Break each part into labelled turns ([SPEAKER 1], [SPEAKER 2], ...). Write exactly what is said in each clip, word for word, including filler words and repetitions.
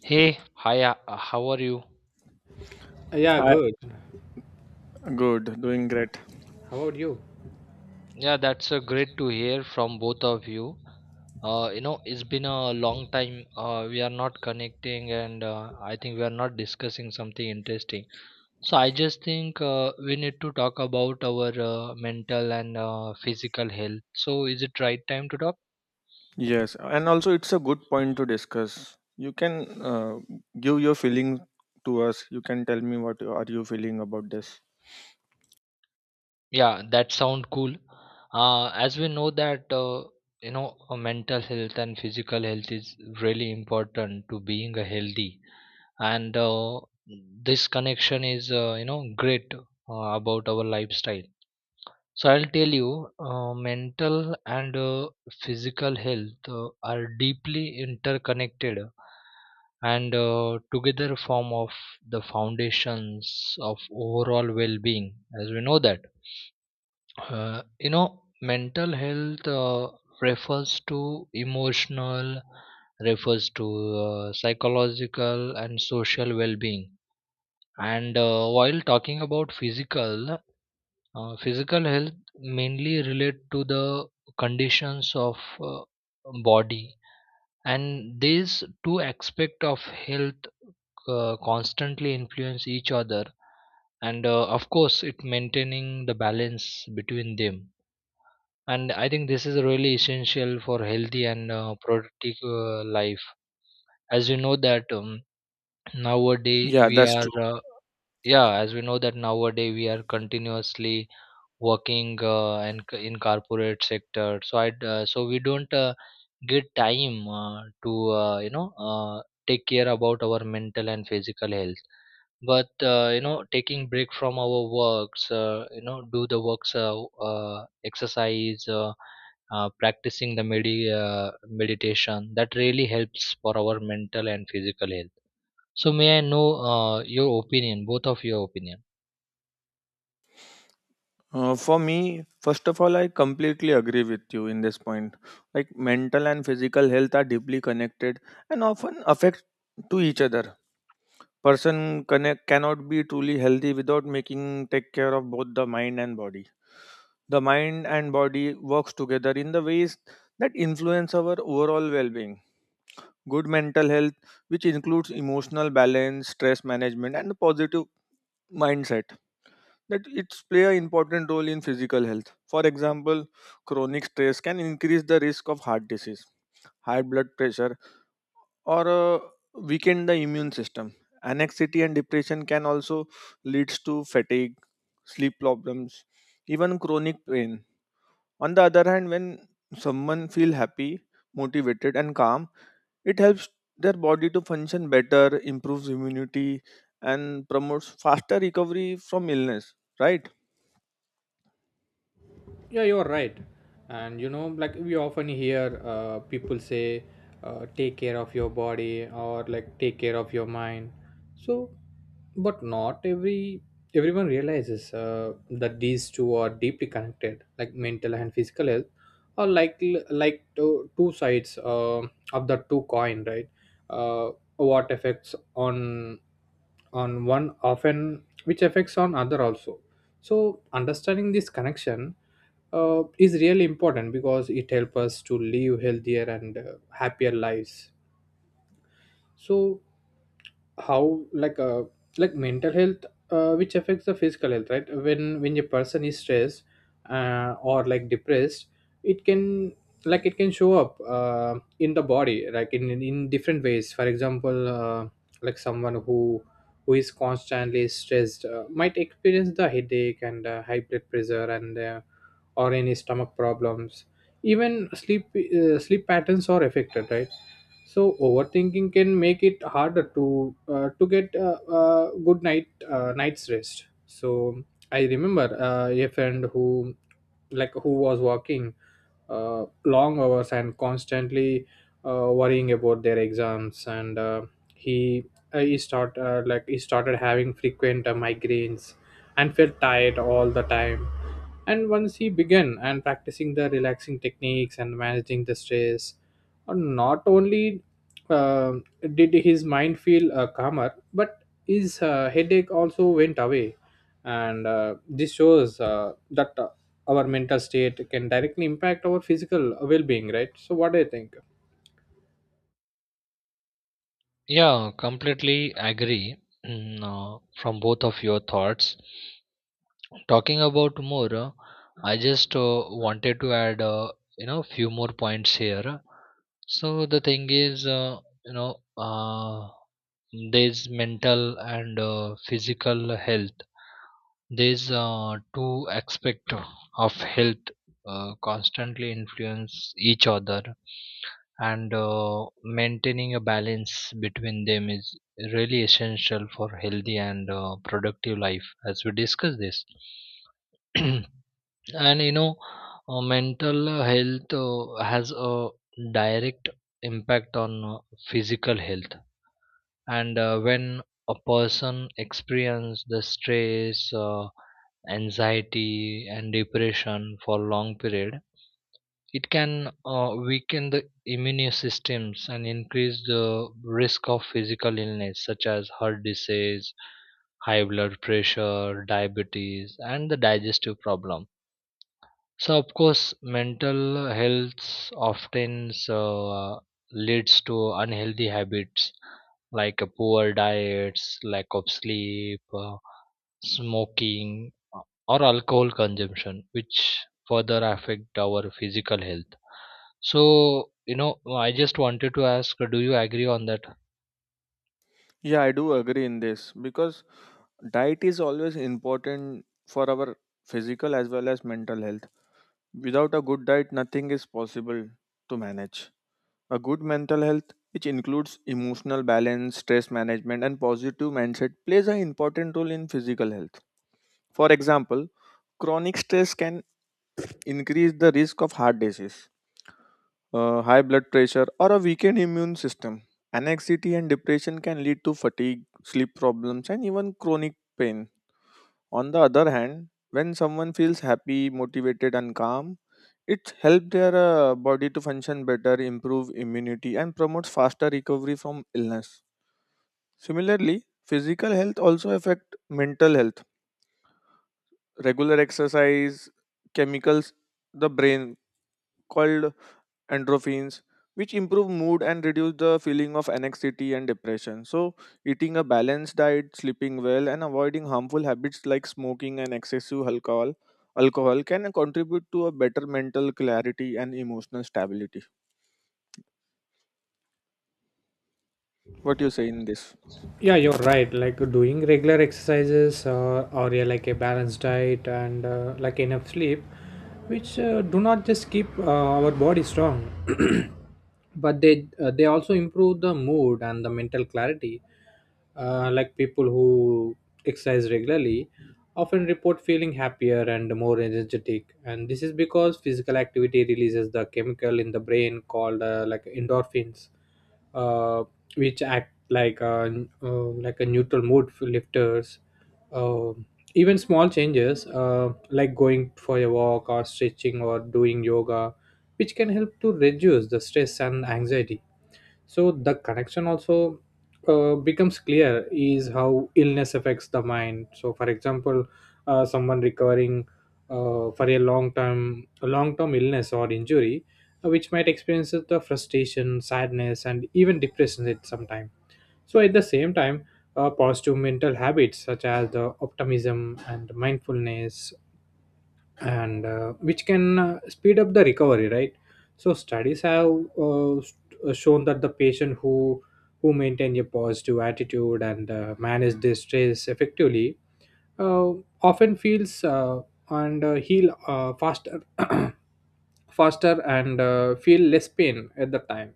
[SPEAKER 1] Hey, hi, uh, how are you?
[SPEAKER 2] Yeah,
[SPEAKER 3] Hi,
[SPEAKER 2] good.
[SPEAKER 3] good, doing great.
[SPEAKER 2] How about you?
[SPEAKER 1] Yeah, that's uh, great to hear from both of you. Uh, you know, it's been a long time uh, we are not connecting, and uh, I think we are not discussing something interesting. So I just think uh, we need to talk about our uh, mental and uh, physical health. So is it right time to talk?
[SPEAKER 3] Yes, and also it's a good point to discuss. You can uh, give your feeling to us. You can tell me what are you feeling about this.
[SPEAKER 1] Yeah, that sound cool. Uh, as we know that uh, you know, uh, mental health and physical health is really important to being a healthy and uh, this connection is uh, you know great uh, about our lifestyle so I'll tell you uh, mental and uh, physical health uh, are deeply interconnected and uh, together form of the foundations of overall well-being as we know that uh, you know mental health uh, refers to emotional refers to uh, psychological and social well-being and uh, while talking about physical uh, physical health mainly relate to the conditions of uh, body and these two aspect of health uh, constantly influence each other and uh, of course it maintaining the balance between them and I think this is really essential for healthy and uh, productive uh, life as you know that um, nowadays
[SPEAKER 3] Yeah,
[SPEAKER 1] we
[SPEAKER 3] that's true.
[SPEAKER 1] are uh, Yeah, as we know that nowadays we are continuously working uh, and c- in corporate sector. So I d- uh, so we don't uh, get time uh, to uh, you know uh, take care about our mental and physical health. But uh, you know taking break from our works, uh, you know do the works, uh, uh, exercise, uh, uh, practicing the medi- uh, meditation that really helps for our mental and physical health. So may I know uh, your opinion, both of your opinion?
[SPEAKER 3] Uh, for me, first of all, I completely agree with you in this point. Like mental and physical health are deeply connected and often affect to each other. Person connect cannot be truly healthy without making take care of both the mind and body the mind and body works together in the ways that influence our overall well-being. Good mental health, which includes emotional balance, stress management and a positive mindset, that it's play an important role in physical health. For example, chronic stress can increase the risk of heart disease, high blood pressure, or uh, weaken the immune system. Anxiety and depression can also leads to fatigue, sleep problems, even chronic pain. On the other hand, when someone feel happy, motivated and calm, it helps their body to function better, improves immunity and promotes faster recovery from illness, right?
[SPEAKER 2] Yeah, you're right. And you know, like we often hear uh, people say, uh, take care of your body or like take care of your mind. So, but not every everyone realizes uh, that these two are deeply connected. Like mental and physical health are like like two, two sides uh, of the two coin, right? Uh, what affects on on one often which affects on other also, so understanding this connection uh, is really important because it helps us to live healthier and uh, happier lives. So how like uh like mental health uh, which affects the physical health, right? When when a person is stressed uh, or like depressed, it can like it can show up uh, in the body, like in, in in different ways. For example uh, like someone who who is constantly stressed uh, might experience the headache and uh, high blood pressure, and uh, or any stomach problems. Even sleep uh, sleep patterns are affected, right? So overthinking can make it harder to uh, to get a uh, uh, good night uh, night's rest. So I remember uh, a friend who like who was working uh, long hours and constantly uh, worrying about their exams, and uh, he uh, he start uh, like he started having frequent uh, migraines and felt tired all the time. And once he began and practicing the relaxing techniques and managing the stress, uh, not only uh, did his mind feel uh, calmer, but his uh, headache also went away. And uh, this shows uh, that uh, our mental state can directly impact our physical well being, right? So, what do you think?
[SPEAKER 1] Yeah, completely agree mm, uh, from both of your thoughts. Talking about more, uh, I just uh, wanted to add, uh, you know, few more points here. So the thing is, uh, you know, uh, there's mental and uh, physical health. These uh, two aspects of health uh, constantly influence each other and uh, maintaining a balance between them is really essential for healthy and uh, productive life as we discuss this and you know uh, mental health uh, has a direct impact on uh, physical health and uh, when a person experiences the stress, uh, anxiety and depression for long period. It can uh, weaken the immune systems and increase the risk of physical illness such as heart disease, high blood pressure, diabetes and the digestive problem. So of course mental health often uh, leads to unhealthy habits like a poor diets, lack of sleep, uh, smoking uh, or alcohol consumption, which further affect our physical health. So, you know, I just wanted to ask, do you agree on that?
[SPEAKER 3] Yeah, I do agree in this because diet is always important for our physical as well as mental health. Without a good diet, nothing is possible to manage. A good mental health, which includes emotional balance, stress management, and positive mindset, plays an important role in physical health. For example, chronic stress can increase the risk of heart disease, uh, high blood pressure, or a weakened immune system. Anxiety and depression can lead to fatigue, sleep problems, and even chronic pain. On the other hand, when someone feels happy, motivated, and calm, it helps their uh, body to function better, improve immunity, and promotes faster recovery from illness. Similarly, physical health also affect mental health. Regular exercise, chemicals, the brain called endorphins, which improve mood and reduce the feeling of anxiety and depression. So, eating a balanced diet, sleeping well, and avoiding harmful habits like smoking and excessive alcohol alcohol can contribute to a better mental clarity and emotional stability. What do you say in this?
[SPEAKER 2] Yeah, you're right, like doing regular exercises uh, or yeah, like a balanced diet and uh, like enough sleep, which uh, do not just keep uh, our body strong but they uh, they also improve the mood and the mental clarity. Uh, like people who exercise regularly often report feeling happier and more energetic, and this is because physical activity releases the chemical in the brain called uh, like endorphins, uh, which act like a uh, like a neutral mood for lifters. Um Even small changes uh, like going for a walk or stretching or doing yoga, which can help to reduce the stress and anxiety. So the connection also uh, becomes clear is how illness affects the mind. So for example uh, someone recovering uh, for a long term a long term illness or injury, uh, which might experience the frustration, sadness, and even depression at some time. So at the same time, uh, positive mental habits such as the optimism and mindfulness, and uh, which can uh, speed up the recovery, right? So studies have uh, st- uh, shown that the patient who who maintain a positive attitude and uh, manage their stress effectively uh, often feels uh, and uh, heal uh, faster faster and uh, feel less pain at the time.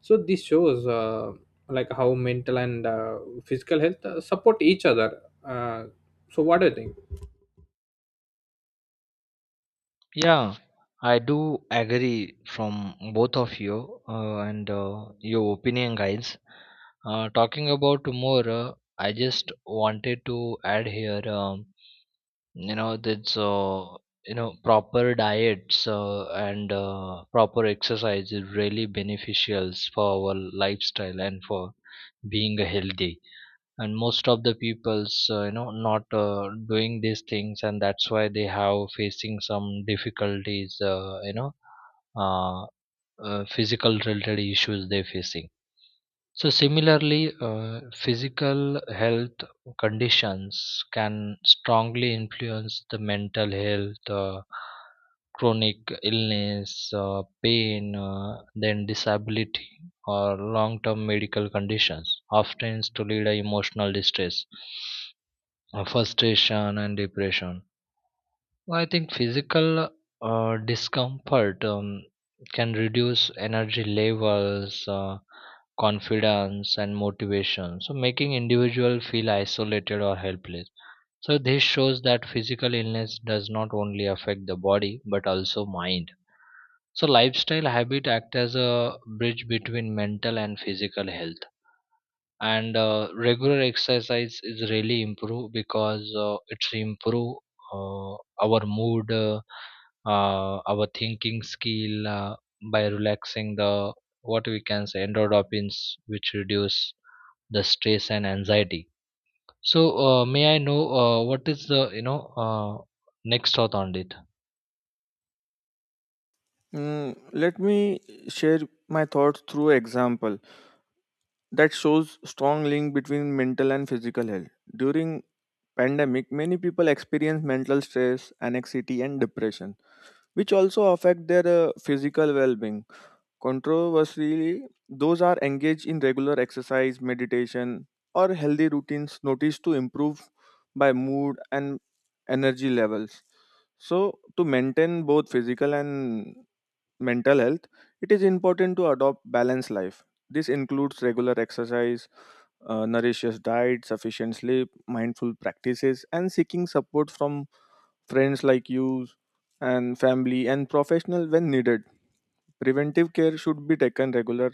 [SPEAKER 2] So this shows uh, like how mental and uh, physical health uh, support each other. Uh, so what do you think?
[SPEAKER 1] Yeah, I do agree from both of you uh, and uh, your opinion, guys. Uh, talking about more, uh, I just wanted to add here, um, you know, that's uh, you know, proper diets uh, and uh, proper exercise is really beneficial for our lifestyle and for being healthy. And most of the people's, uh, you know not uh, doing these things, and that's why they have facing some difficulties, uh, you know uh, uh, physical related issues they facing. So similarly, uh, physical health conditions can strongly influence the mental health. Uh, chronic illness, uh, pain, uh, then disability or long-term medical conditions, often to lead a emotional distress, uh, frustration and depression. I think physical uh, discomfort um, can reduce energy levels, Uh, confidence and motivation, so making individual feel isolated or helpless. So this shows that physical illness does not only affect the body but also mind. So lifestyle habit act as a bridge between mental and physical health. And uh, regular exercise is really improve because uh, it's improve uh, our mood, uh, uh, our thinking skill, uh, by relaxing the what we can say endorphins, which reduce the stress and anxiety. So uh, may i know uh, what is the, you know uh, next thought on it?
[SPEAKER 3] Mm, let me share my thoughts through example that shows strong link between mental and physical health. During pandemic, many people experience mental stress, anxiety, and depression, which also affect their uh, physical well-being. Controversially, those are engaged in regular exercise, meditation, or healthy routines noticed to improve by mood and energy levels. So, to maintain both physical and mental health, it is important to adopt balanced life. This includes regular exercise, uh, nutritious diet, sufficient sleep, mindful practices, and seeking support from friends like you and family and professional when needed. Preventive care should be taken regular.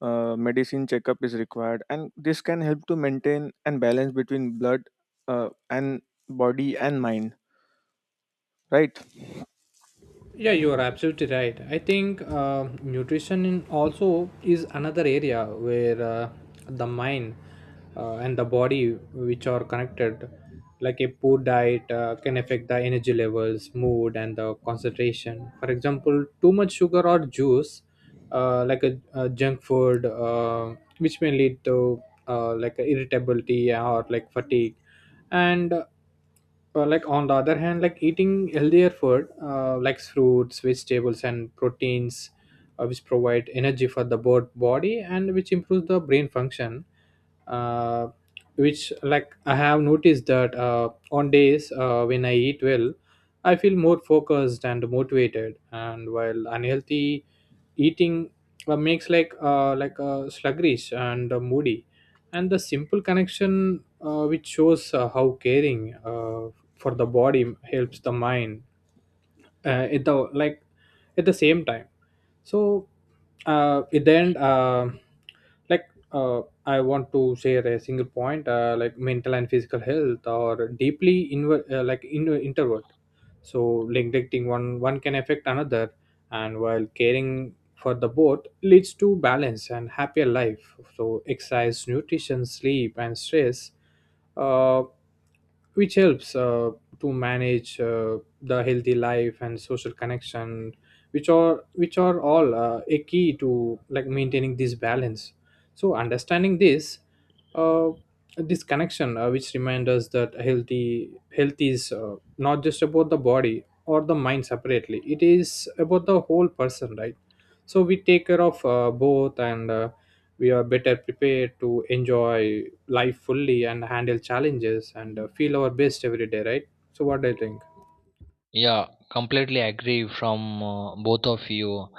[SPEAKER 3] Uh, medicine checkup is required, and this can help to maintain and balance between blood uh, and body and mind. Right?
[SPEAKER 2] Yeah, you are absolutely right. I think uh, nutrition in also is another area where uh, the mind uh, and the body, which are connected, like a poor diet uh, can affect the energy levels, mood, and the concentration. For example, too much sugar or juice, uh, like a, a junk food, uh, which may lead to uh, like irritability or like fatigue. And uh, like on the other hand, like eating healthier food uh, like fruits, vegetables, and proteins, uh, which provide energy for the bod- body and which improves the brain function. uh, which like I have noticed that uh, on days uh, when I eat well, I feel more focused and motivated, and while unhealthy eating uh, makes like uh, like uh, sluggish and uh, moody. And the simple connection uh, which shows uh, how caring uh, for the body helps the mind uh, at the like at the same time. So uh, it then uh, like uh, I want to share a single point, uh, like mental and physical health or deeply inver- uh, like in- introvert. So neglecting one one can affect another, and while caring for the both leads to balance and happier life. So exercise, nutrition, sleep, and stress, uh, which helps Uh, to manage uh, the healthy life and social connection, which are which are all uh, a key to like maintaining this balance. So understanding this uh, this connection uh, which reminds us that healthy health is uh, not just about the body or the mind separately, it is about the whole person, right? So we take care of uh, both, and uh, we are better prepared to enjoy life fully and handle challenges and uh, feel our best every day, right? So what do you think?
[SPEAKER 1] Yeah, completely agree from uh, both of you.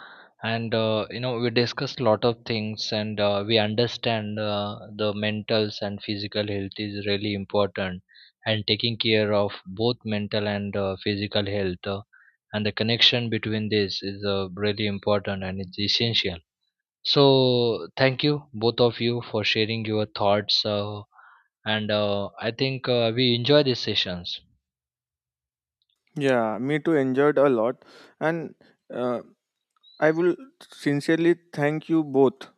[SPEAKER 1] And uh, you know we discussed a lot of things and uh, we understand uh, the mental and physical health is really important, and taking care of both mental and uh, physical health uh, and the connection between this is uh, really important and it's essential. So, thank you, both of you, for sharing your thoughts. Uh, and uh, I think uh, we enjoy these sessions.
[SPEAKER 3] Yeah, me too. Enjoyed a lot, and uh, I will sincerely thank you both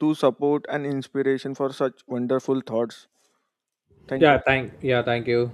[SPEAKER 3] to support and inspiration for such wonderful thoughts. Thank
[SPEAKER 2] Yeah,
[SPEAKER 3] you.
[SPEAKER 2] thank yeah, thank you.